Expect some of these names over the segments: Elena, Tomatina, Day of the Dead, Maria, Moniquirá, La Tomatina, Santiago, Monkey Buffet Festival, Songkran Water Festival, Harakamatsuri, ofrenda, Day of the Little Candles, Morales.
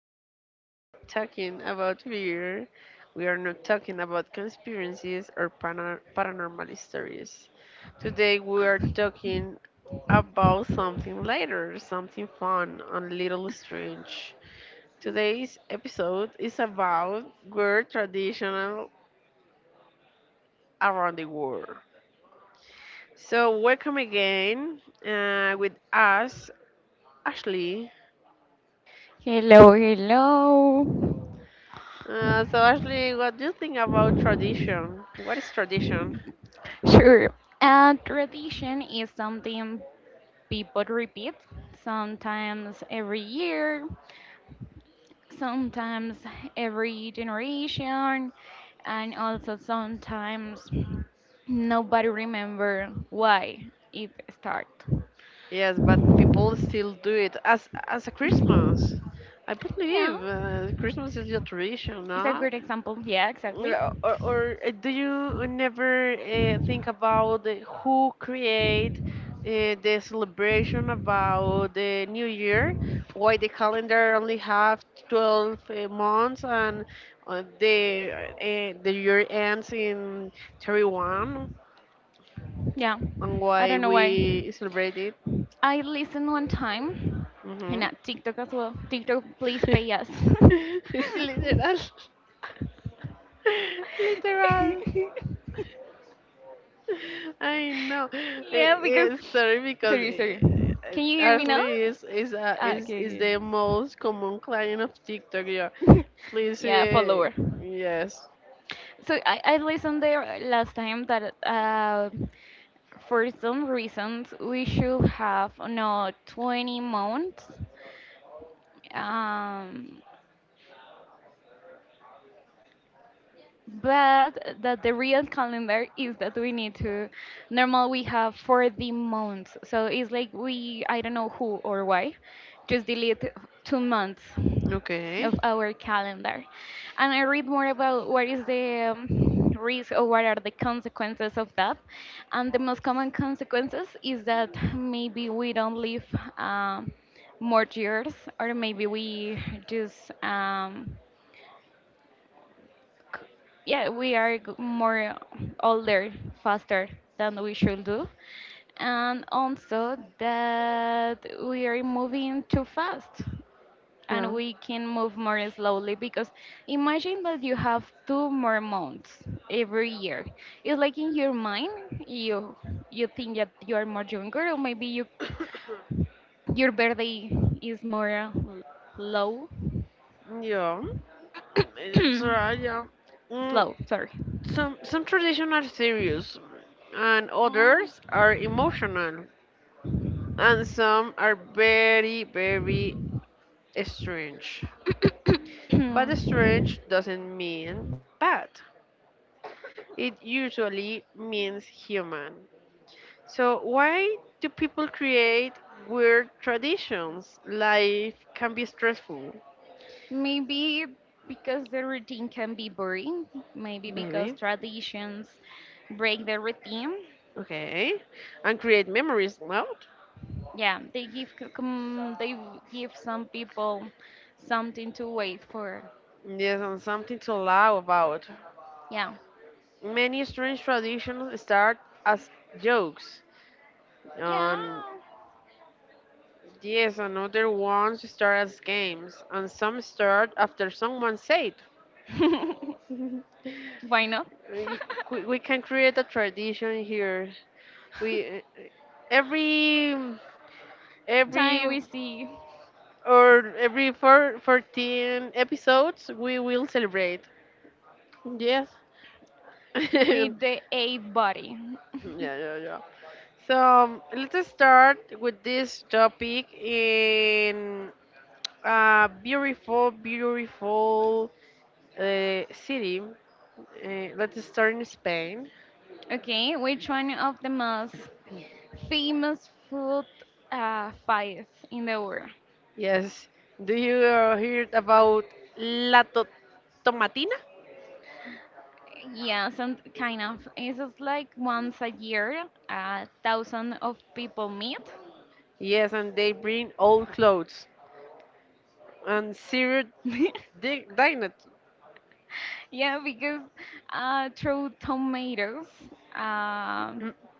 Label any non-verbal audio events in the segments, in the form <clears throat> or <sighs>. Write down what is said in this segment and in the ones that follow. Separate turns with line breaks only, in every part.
we are not talking about fear. We are not talking about conspiracies or paranormal stories. Today we are talking about something lighter, something fun and a little strange. Today's episode is about weird traditional around the world. So welcome again with us, Ashley.
Hello, hello.
So Ashley, what do you think about tradition? What is tradition?
Sure. Tradition is something people repeat, sometimes every year, sometimes every generation, and also sometimes nobody remember why it start.
Yes, but people still do it as a Christmas. I
Yeah,
believe Christmas is your tradition, no?
it's a good example. Yeah, exactly.
Or do you never think about who create the celebration about the New Year? Why the calendar only have 12 months and uh, the the year ends in 31
Yeah,
and
I
why
don't know why.
we celebrate it.
I listened one time in
Hmm.
a TikTok as well. TikTok, please pay us.
<laughs> It's literal. <laughs> Literal.
<laughs>
I know.
Yeah, because
Sorry because
sorry, sorry. Can you hear me now?
Ashley is is uh,
Ah,
is is
okay,
the most common client of TikTok. Yeah.
okay. <laughs>
Please.
Yeah, follower.
Yes.
So I listened there last time that for some reasons we should have no 20 months. Um, but that the real calendar is that we need to normal we have for the months, so it's like we I don't know who or why just delete 2 months
Okay.
of our calendar. And I read more about what is the risk or what are the consequences of that, and the most common consequences is that maybe we don't live um, more years, or maybe we just c- yeah, we are more older faster than we should do. And also that we are moving too fast and
Yeah.
we can move more slowly, because imagine that you have 2 more months every year. It's like in your mind you you think that you are more younger, or maybe you
<coughs>
your birthday is more low
Yeah. It's right.
<coughs>
Yeah. Mm,
slow sorry
some traditions are serious, and others are emotional. And some are very, very strange. But
<coughs>
strange doesn't mean bad, it usually means human. So, why do people create weird traditions? Life can be stressful,
Maybe because the routine can be boring, maybe because
maybe.
traditions break the routine.
Okay, and create memories. Well,
Yeah, they give give some people something to wait for.
there's not something to laugh about.
Yeah.
Many strange traditions start as jokes
Yeah.
on. Yes, and other ones start as games, and some start after someone said.
<laughs> Why not?
Y-
<laughs>
we can create a tradition here. We every
Time
every
we see
or every four fourteen episodes we will celebrate. Yes. <laughs> Yeah,
with the eight body.
yeah, yeah. So let's start with this topic in a beautiful, beautiful city. Let's start in Spain.
Okay, which one of the most famous food fights in the world?
Yes. Do you heard about La to- Tomatina?
Yeah, some kind of. It's just like once a year, 1,000 of people meet.
Yes, and they bring old clothes and serious
<laughs>
dignity.
Yeah, because throw tomatoes. Um,
<clears throat>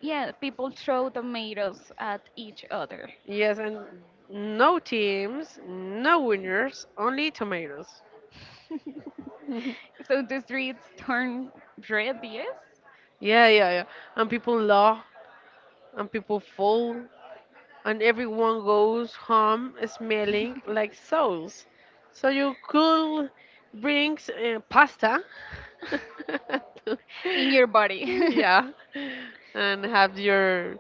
yeah, people throw tomatoes at each other.
Yes, and no teams, no winners, only tomatoes.
<laughs>
<laughs> Yeah,
So the streets turn red, yes,
yeah, yeah. And people laugh, and people fall, and everyone goes home smelling like souls. So you could bring pasta, <laughs> to-
in your body. <laughs>
yeah, and have your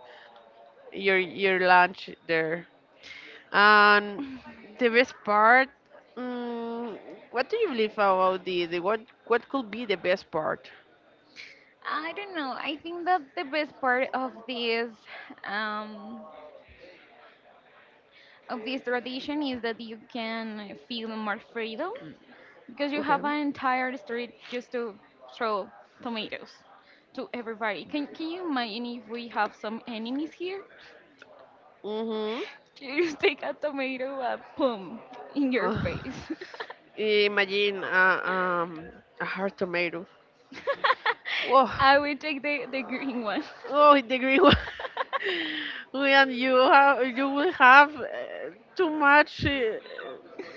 your your lunch there. And the best part, mm, what do you believe about the what could be the best part?
I don't know. I think that the best part of um, this tradition is that you can feel more freedom, because you
Okay.
have an entire street just to throw tomatoes to everybody. Can you imagine if we have some enemies here? <laughs>
Mm-hmm.
You just take a tomato and boom in your face.
<laughs> Imagine a hard tomato. Whoa.
<laughs> I will take the green one.
Oh, in the green one.
<laughs>
<laughs> We and you have you will have too much uh,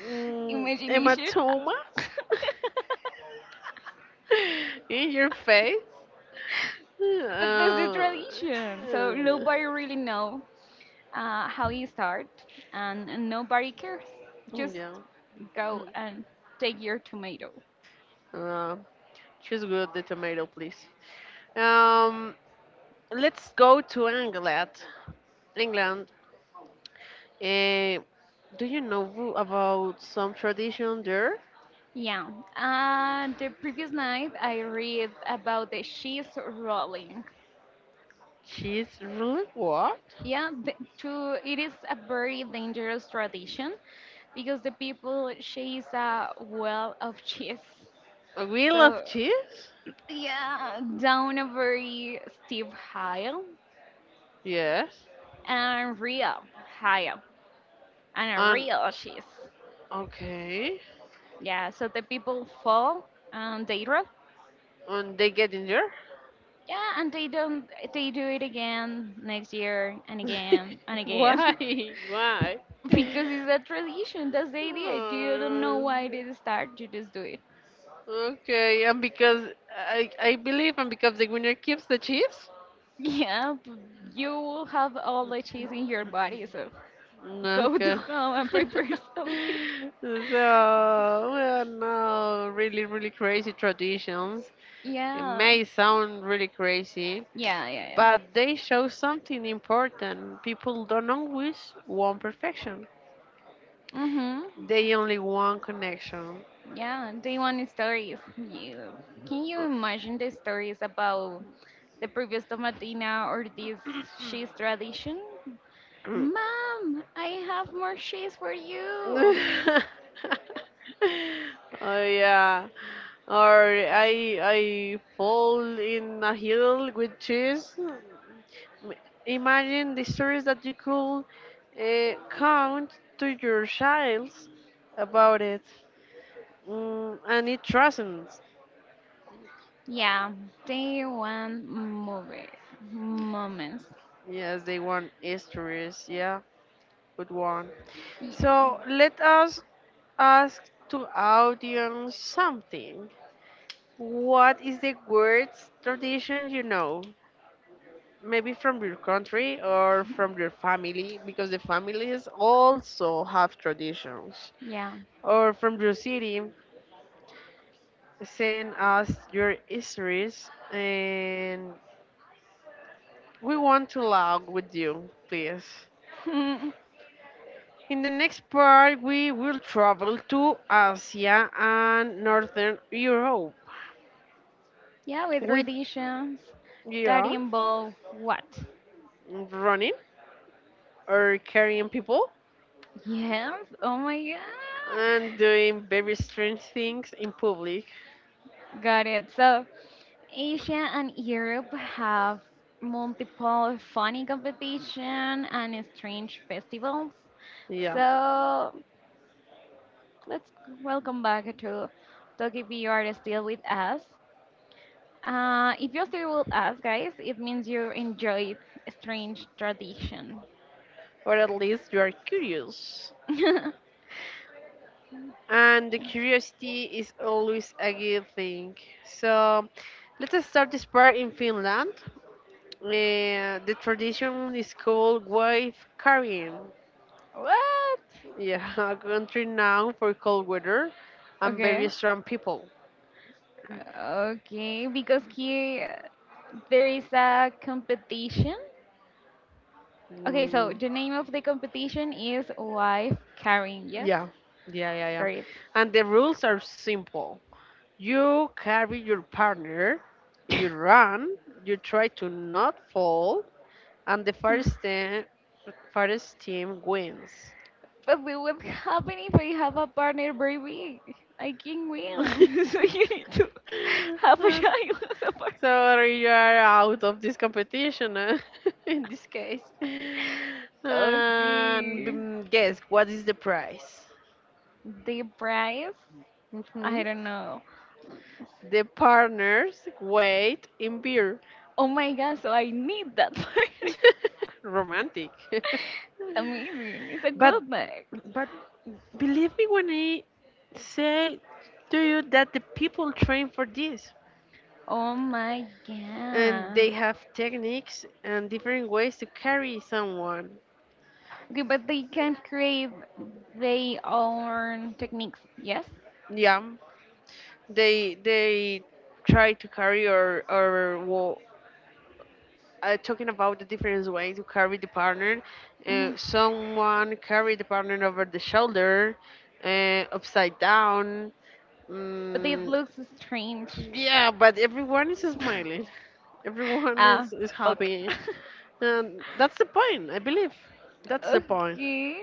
mm,
Imagination. <laughs>
hematomas
But
<laughs> in your face.
that's the
Uh,
tradition. So nobody really know how you start, and nobody cares. Just
yeah.
go and take your tomato.
Uh, Choose good the tomato, please. Um, let's go to England. England. Uh, do you know about some tradition there?
Yeah. The previous night, I read about the cheese rolling.
Cheese? Really? What?
Yeah, it is a very dangerous tradition because the people chase a well of cheese.
A wheel
So,
of cheese?
yeah, down a very steep hill
Yes.
and real hill and a
And
real cheese.
okay.
Yeah, so the people fall and they drop.
And they get injured?
Yeah, and they don't. They do it again next year and again and
<laughs>
again.
Why? <laughs> Why?
<laughs> Because it's a tradition. That's the idea. You don't know
Oh,
why they start. You just do it.
okay. And because I believe and because the winner keeps the cheese.
Yeah, you will have all the cheese in your body. So go <laughs> to
Okay.
home
<laughs>
and prepare <laughs> something.
So well, no, really, really crazy traditions. It
Yeah,
may sound really crazy,
yeah, yeah, yeah.
but they show something important. People don't always want perfection.
Mm-hmm.
They only want connection.
Yeah, they want stories. Can you imagine the stories about the previous tomatina or this cheese tradition?
<laughs> Oh
Mom, I have more cheese for you.
yeah. Or I fall in a hill with cheese. Imagine the stories that you could count to your child about it. And it transcends.
Yeah, they want movie moments.
Yes, they want histories. Yeah, good one.
Yeah,
So let us ask to audience something. What is the worst tradition you know? Maybe from your country or from your family, because the families also have traditions.
yeah,
Or from your city, send us your histories and we want to log with you, please.
<laughs>
In the next part, we will travel to Asia and Northern Europe.
yeah, with
We
traditions that
Yeah,
involve what?
running or carrying people
Yes. Oh my god,
and doing very strange things in public.
got it. So Asia and Europe have multiple funny competition and strange festivals.
Yeah,
So let's welcome back to Tokyo if you are still with us. If you're still with us, guys, it means you enjoyed strange tradition.
or at least you are curious.
<laughs>
And the curiosity is always a good thing. So let's start this part in Finland. The tradition is called wife carrying.
What?
Yeah, <laughs> a country now for cold weather and very
Okay.
strong people.
Okay, because here there is a competition. Okay, so
Mm,
the name of the competition is Life Carrying. Yes,
yeah, yeah, yeah, yeah.
great.
And the rules are simple. You carry your partner, you
<laughs>
run, you try to not fall, and the first team wins.
But we would happen if I have a partner very big. I can win. <laughs> So you need
<laughs>
to <laughs> have a child as a partner.
Sorry, you are out of this competition <laughs> in this case. And
Okay.
guess what is the prize?
The prize? I
Mhm.
don't know.
The partners wait in beer.
Oh my god, so I need that <laughs> partner.
<laughs> Romantic. <laughs>
Amazing. It's a
but
good bag.
but believe me when I say to you that the people train for this
Oh my
and they
god.
have techniques and different ways to carry someone.
Okay, but they can create their own techniques, yes?
Yeah, they try to carry or well, talking about the different ways to carry the partner.
Hmm.
Someone carry the partner over the shoulder, upside down.
But it
Mm,
looks strange.
yeah, but everyone is smiling. <laughs>
<laughs>
Everyone
Ah,
is
okay.
happy.
<laughs>
And that's the point, I believe. That's the point.
Okay.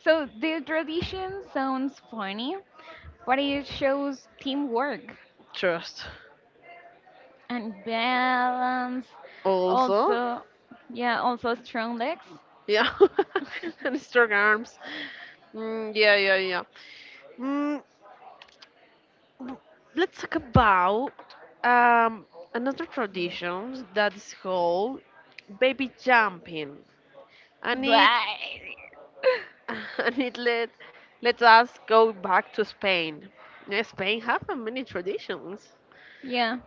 So the tradition sounds funny, but it shows teamwork
Trust.
and balance.
Also,
Also, yeah, also strong legs.
yeah, <laughs>
<laughs>
and strong arms. Mm, yeah, yeah, yeah. Mm, w- let's talk about um, another tradition that is called baby jumping, and it.
Bye.
<laughs> And it let us go back to Spain. Yeah, Spain have many traditions.
Yeah.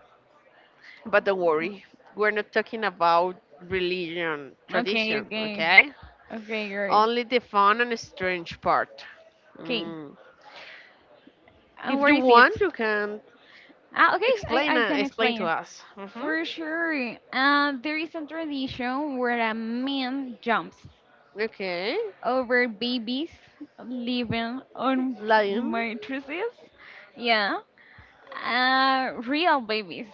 But don't worry, we're not talking about religion,
Okay,
tradition,
okay.
okay?
Okay, great.
Only the fun and strange part.
Okay.
Mm.
And
If
where
you
is it?
want, you can
Ah, okay,
explain
I
uh,
can
explain to
explain.
us. Hmm.
For sure, there is a tradition where a man jumps
Okay,
over babies living on
lion.
mattresses. Yeah, real babies,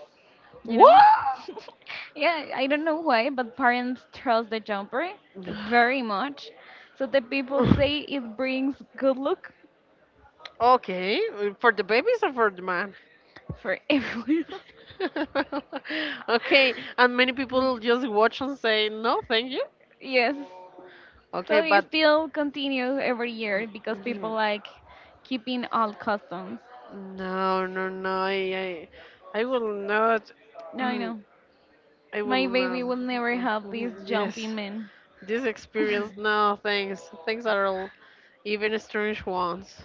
you know.
What?
<laughs> Yeah, I don't know why, but parents trust the jumper
<sighs>
very much. So the people say it brings good luck
Okay, for the babies or for the man?
for <laughs> everyone.
<laughs> Okay, and many people just watch and say no, thank you.
Yes.
Okay,
So it
but
still continues every year because people like keeping old customs.
no, no, no. I will not. <clears throat>
No, I know.
I will
My baby
not.
will never have this
<laughs> Yes.
jumping man.
This
<laughs>
experience, no, thanks. Thanks are all, even strange ones.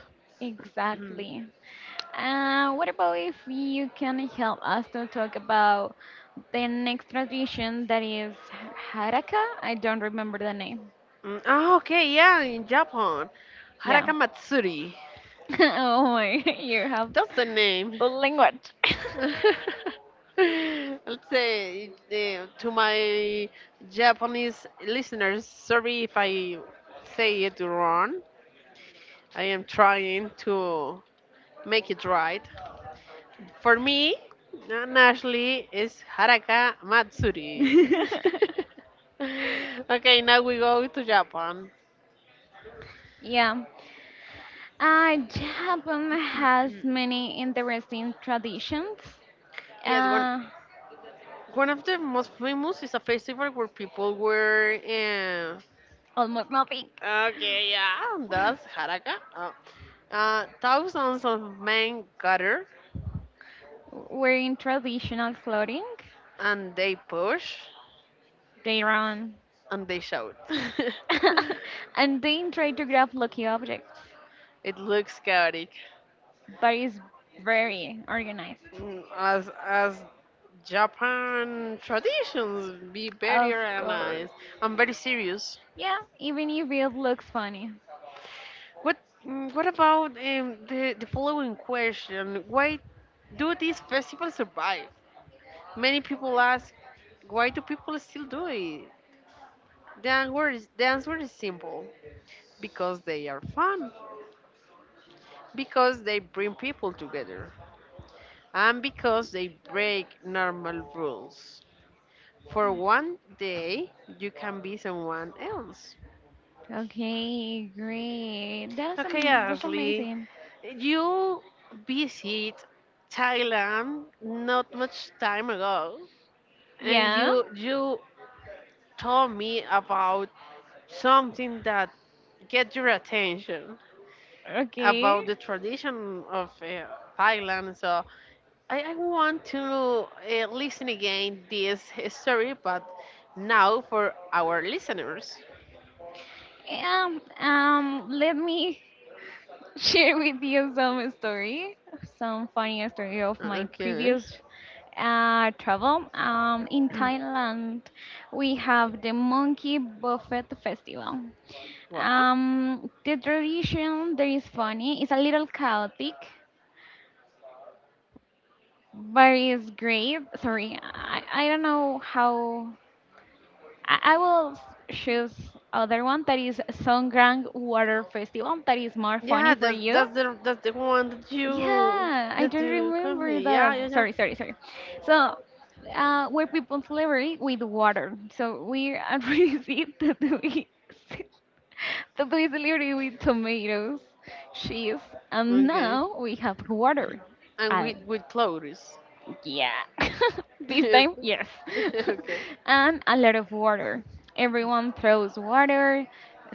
<clears throat>
Exactly. What about if you can help us to talk about the next tradition that is Haraka? I don't remember the name.
Ah, okay, yeah, in Japan.
Yeah.
Harakamatsuri.
<laughs> Oh my, <laughs> you have
That's the name.
the language.
<laughs> Let's say to my Japanese listeners, sorry if I say it wrong. I am trying to make it right. For me, Nan Ashley is Haraka Matsuri.
<laughs>
<laughs> Okay, now we go to Japan.
Yeah. Japan has many interesting traditions.
Yes, one
Uh,
one of the most famous is a festival where people wear.
Almost nothing.
Okay, yeah, that's
<laughs>
Haraka. Oh. Thousands of men gather
Wearing traditional clothing,
and they push
they run,
and they shout. <laughs>
<laughs> and they try to grab lucky objects,
It looks chaotic.
but it's very organized.
As Japan traditions be very
Of course.
organized and very serious.
Yeah, even if it looks funny.
What what about the following question? Why do these festivals survive? Many people ask, why do people still do it? The answer is simple. Because they are fun, because they bring people together, and because they break normal rules. For one day, you can be someone else.
Okay, great. That's
Okay,
that's
Ashley,
amazing.
you visit Thailand not much time ago, and
Yeah.
you told me about something that get your attention
Okay.
about the tradition of Thailand. So I want to listen again this story, but now for our listeners.
Let me share with you some story, some funny story of my
Okay.
previous travel. In Thailand, we have the Monkey Buffet Festival.
Wow.
The tradition there is funny. It's a little chaotic, but it's great. Sorry, I don't know how. I will choose other one that is Songkran Water Festival. That is more funny
Yeah,
for you.
that's the one
Yeah, I
that
don't
you come.
remember
Yeah, yeah,
that.
yeah.
Sorry, sorry, sorry. So, we're people celebrity with water. So we already <laughs> see tattoos celebrity <laughs> with tomatoes, cheese, and
Okay.
now we have water.
And
I,
with clothes.
yeah, <laughs>
<laughs>
this
Okay.
time yes, <laughs> and a lot of water. Everyone throws water.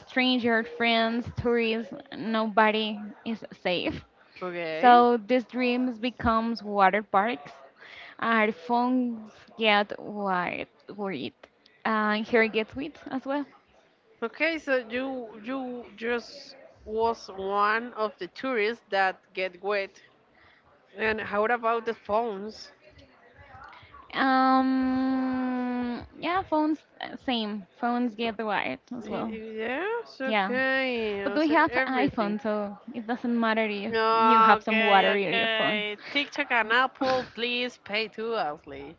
Stranger, friends, tourists, nobody is safe.
Okay.
So these dreams becomes water parks. Our phones get wide worried. And here gets wet as well.
Okay. So you just was one of the tourists that get wet. And how about the phones?
Yeah, phones, same. Phones get wide as well.
Yes.
Yeah.
Okay.
But
I
we
said
have
everything.
iPhone, so it doesn't matter if you have some
Okay.
water in your phone.
Okay. TikTok and Apple, please pay to us, Lee.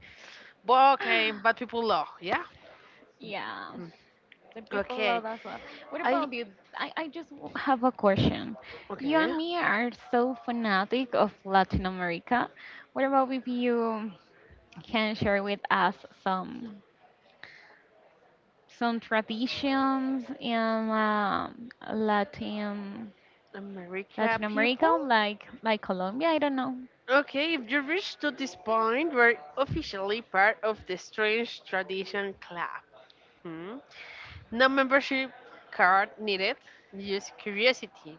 But okay, but
<laughs>
people law, yeah.
Yeah.
Hmm.
The people
Okay.
love that song. What
I
about you? I just have a question. You
Okay.
and me are so fanatic of Latin America. What about if you can share with us some some traditions in um, Latin
America
Latin America,
people.
like Colombia? I don't know.
Okay, if you reach to this point, we're officially part of the Strange Tradition Club. Hmm? No membership card needed, just curiosity.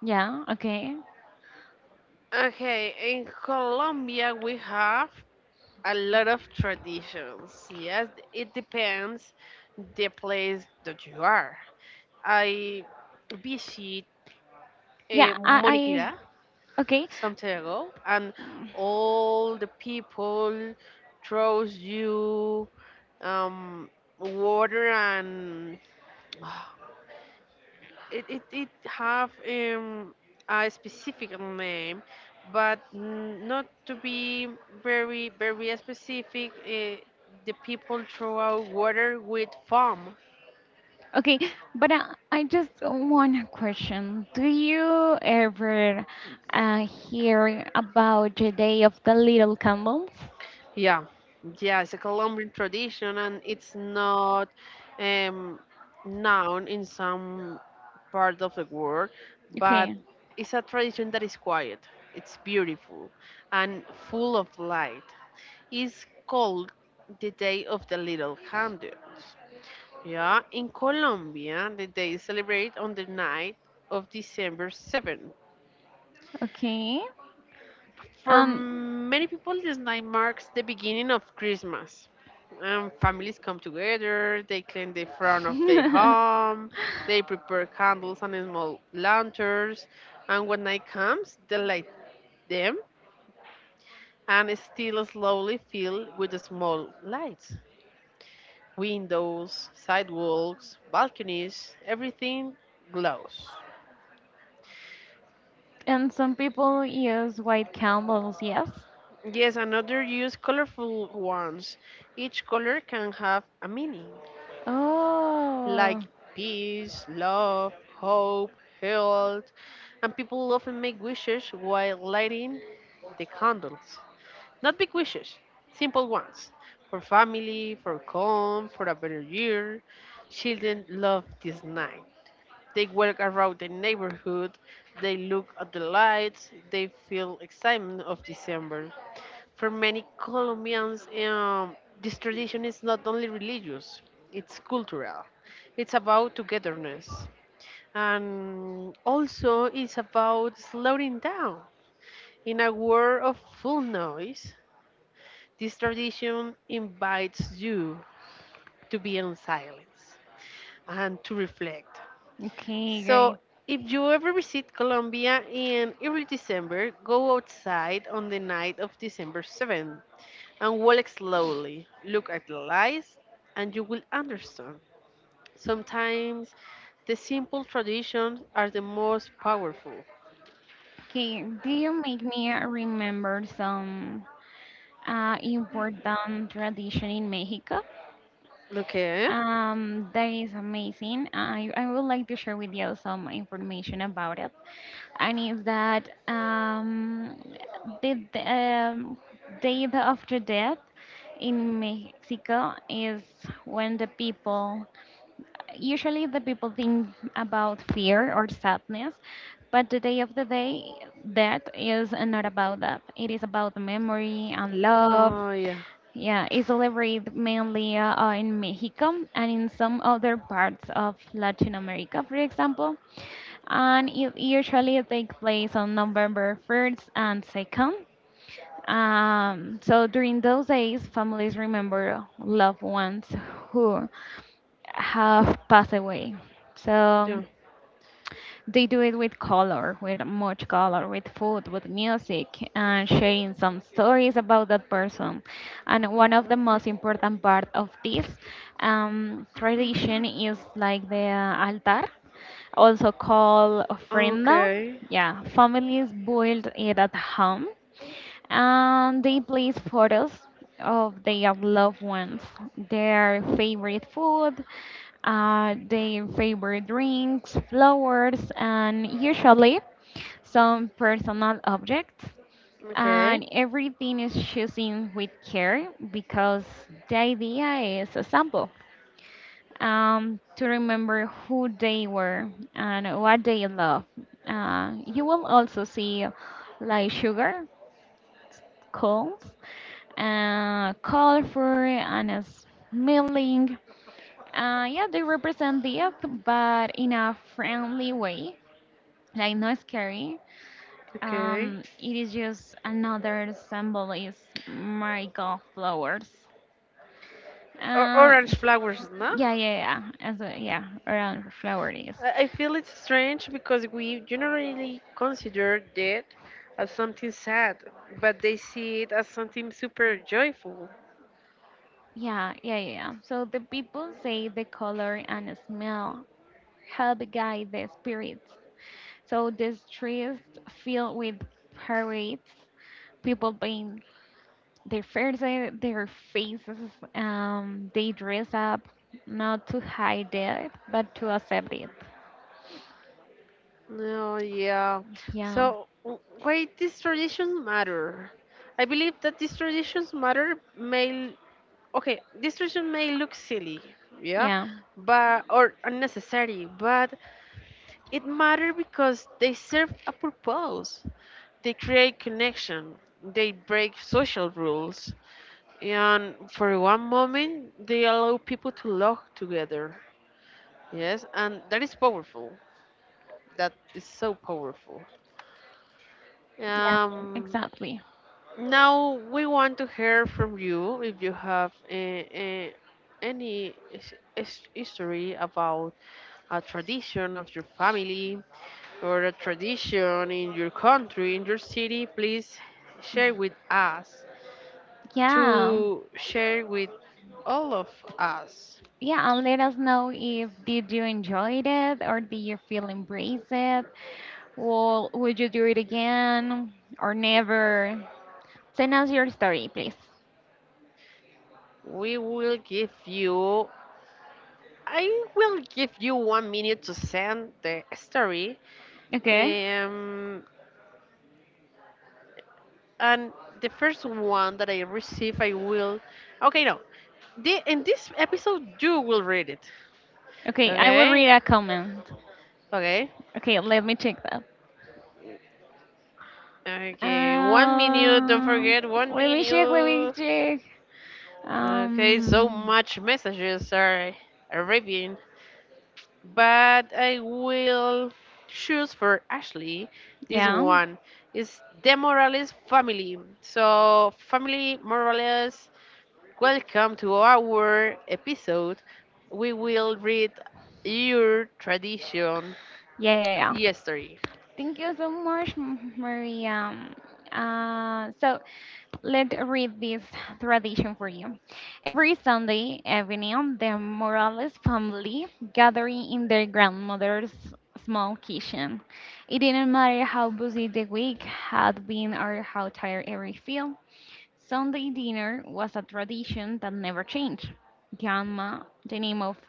Yeah. Okay.
Okay, in Colombia we have a lot of traditions. Yes, it depends the place that you are. I visit
Yeah. I.
Moniquirá
I okay.
Santiago, and all the people throws you um, water and <sighs> it have a specific name, but not to be very very specific. The people throw out water with foam.
Okay, but I just want a question. Do you ever hear about the Day of the Little Candles?
Yeah, yeah, it's a Colombian tradition, and it's not um, known in some part of the world, but
Okay,
it's a tradition that is quiet, it's beautiful, and full of light. It's called the Day of the Little Candles. Yeah, in Colombia, the day is celebrated on the night of December 7th.
okay.
For
Um,
many people, this night marks the beginning of Christmas. Families come together, they clean the front of their home, they prepare candles and small lanterns, and when night comes, they light them
<laughs>
and still slowly fill with the small lights. Windows, sidewalks, balconies, everything glows.
And some people use white candles, yes?
Yes, another use colorful ones. Each color can have a meaning, like
Oh,
peace, love, hope, health, and people often make wishes while lighting the candles. Not big wishes, simple ones for family, for calm, for a better year. Children love this night. They walk around the neighborhood, they look at the lights, they feel excitement of December. For many Colombians, this tradition is not only religious, it's cultural. It's about togetherness. And also, it's about slowing down. In a world of full noise, this tradition invites you to be in silence and to reflect.
okay,
So,
great.
if you ever visit Colombia in early December, go outside on the night of December 7th and walk slowly. Look at the lights, and you will understand. Sometimes the simple traditions are the most powerful.
Okay, do you make me remember some important tradition in Mexico?
Okay.
That is amazing. I would like to share with you some information about it. And it's that the Day of the Dead in Mexico is when the people usually the people think about fear or sadness, but the day of the day death is not about that. It is about memory and love.
Oh yeah.
Yeah, it's celebrated mainly in Mexico, and in some other parts of Latin America, for example. And it usually takes place on November 1st and 2nd. So during those days, families remember loved ones who have passed away. So
Yeah.
they do it with color, with much color, with food, with music, and sharing some stories about that person. And one of the most important part of this tradition is like the altar, also called ofrenda.
Okay.
Yeah, families build it at home, and they place photos of their loved ones, their favorite food, their favorite drinks, flowers, and usually some personal objects.
Okay.
And everything is chosen with care, because the idea is a sample to remember who they were and what they love. You will also see like sugar, cones, colorful and smiling. Yeah, they represent death, but in a friendly way, like not scary.
Okay.
It is just another symbol is marigold flowers.
Or
Uh,
orange flowers, no?
yeah, yeah, yeah. As a, yeah, around flower is.
I feel it's strange because we generally consider death as something sad, but they see it as something super joyful.
Yeah, yeah, yeah. Yeah. So the people say the color and smell help guide the spirits. So these trees filled with parades, people paint their faces. They dress up not to hide it, but to accept it.
No, yeah.
Yeah,
So, why these traditions matter? I believe that these traditions matter, may okay, these tradition may look silly, yeah,
yeah,
but or unnecessary, but it matter because they serve a purpose. They create connection. They break social rules, and for one moment, they allow people to love together. Yes, and that is powerful. That is so powerful.
yeah,
Um,
exactly.
Now we want to hear from you if you have any history about a tradition of your family or a tradition in your country, in your city. Please share with us
Yeah,
to share with all of us.
yeah, and let us know if did you enjoy it, or did you feel embraced it, or would you do it again or never? Send us your story, please.
We will give you. I will give you one minute to send the story.
Okay,
Um, and the first one that I receive, I will. Okay, no. In this episode, you will read it.
okay, I will
Okay?
read a comment.
Okay.
Okay, let me check that.
Okay, one minute. Don't
Um,
forget one
Let me check. Let me
minute.
check.
Okay, so
Um,
much messages are arriving, but I will choose for Ashley this
yeah,
one. It's the Morales family. So, family Morales, welcome to our episode. We will read your tradition
yeah, yeah, yeah.
yesterday.
Thank you so much, Maria. So let's read this tradition for you. Every Sunday evening, the Morales family gathering in their grandmother's small kitchen. It didn't matter how busy the week had been or how tired every feel. Sunday dinner was a tradition that never changed. Grandma, the name of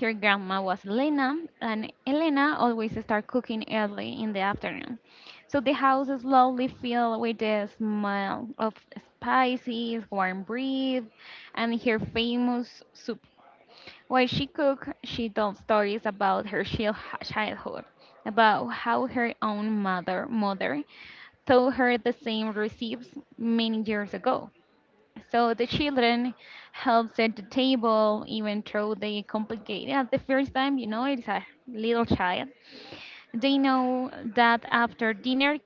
her grandma was Elena, and Elena always started cooking early in the afternoon. So the house slowly filled with the smell of spices, warm bread, and her famous soup. While she cooked, she told stories about her childhood, about how her own mother, taught her the same recipes many years ago. So the children help set the table, even though they complicate at the first time, it's a little child. They know that after dinner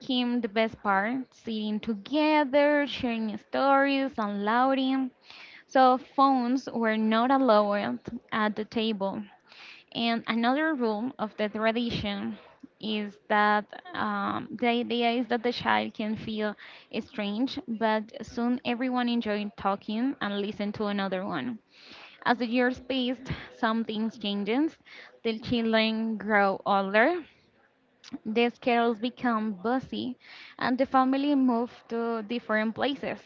came the best part, sitting together, sharing stories, and laughing. So phones were not allowed at the table. And another rule of the tradition is that the idea is that the child can feel strange, but soon everyone enjoyed talking and listened to another one. As the years passed, some things changes. The children grow older, the schedules become busy, and the family move to different places.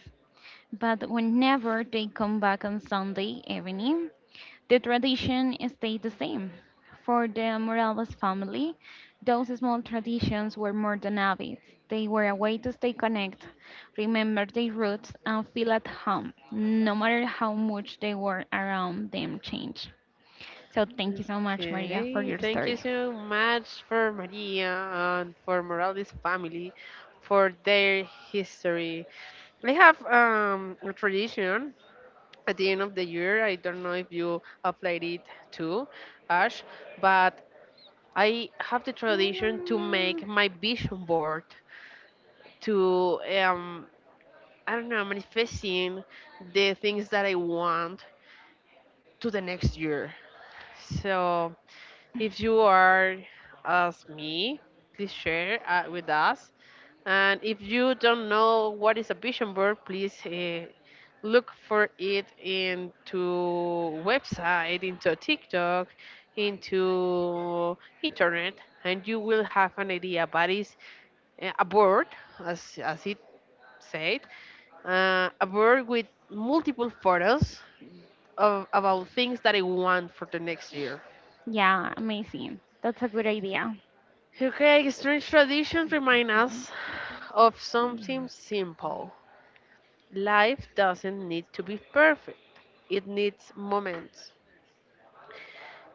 But whenever they come back on Sunday evening, the tradition stayed the same. For the Morales family, those small traditions were more than habits. They were a way to stay connected, remember their roots, and feel at home, no matter how much the world around them changed. So thank you so much, Maria, for
Okay,
your
thank
story.
you so much for Maria and for Morales family for their history. I have a tradition at the end of the year. I don't know if you applied it too, Ash, but I have the tradition to
Mm,
make my vision board to um, I don't know, manifesting the things that I want to the next year. So if you are as me, please share with us. And if you don't know what is a vision board, please look for it into website, into TikTok, into internet, and you will have an idea. But it's a board, as it said, a board with multiple photos of about things that I want for the next year.
yeah, amazing. That's a good idea.
Okay, strange traditions remind us of something simple. Life doesn't need to be perfect. It needs moments.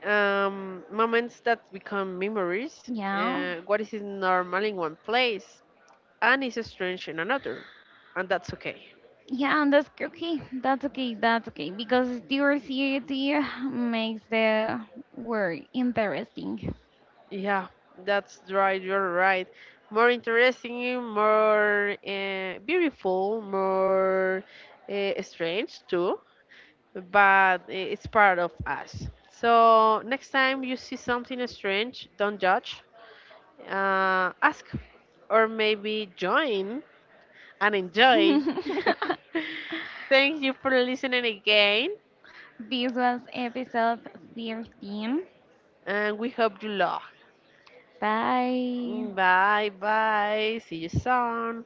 Moments that become memories.
Yeah.
What is normal in one place and is strange in another, and that's okay.
Yeah, and that's okay. That's okay. That's okay. Because diversity makes the word interesting.
Yeah, that's right. You're right. More interesting, more beautiful, more strange too, but it's part of us. So next time you see something strange, don't judge. Ask, or maybe join and enjoy.
<laughs>
<laughs> Thank you for listening again,
This was episode 13.
and we hope you love.
Bye.
Bye bye. See you soon.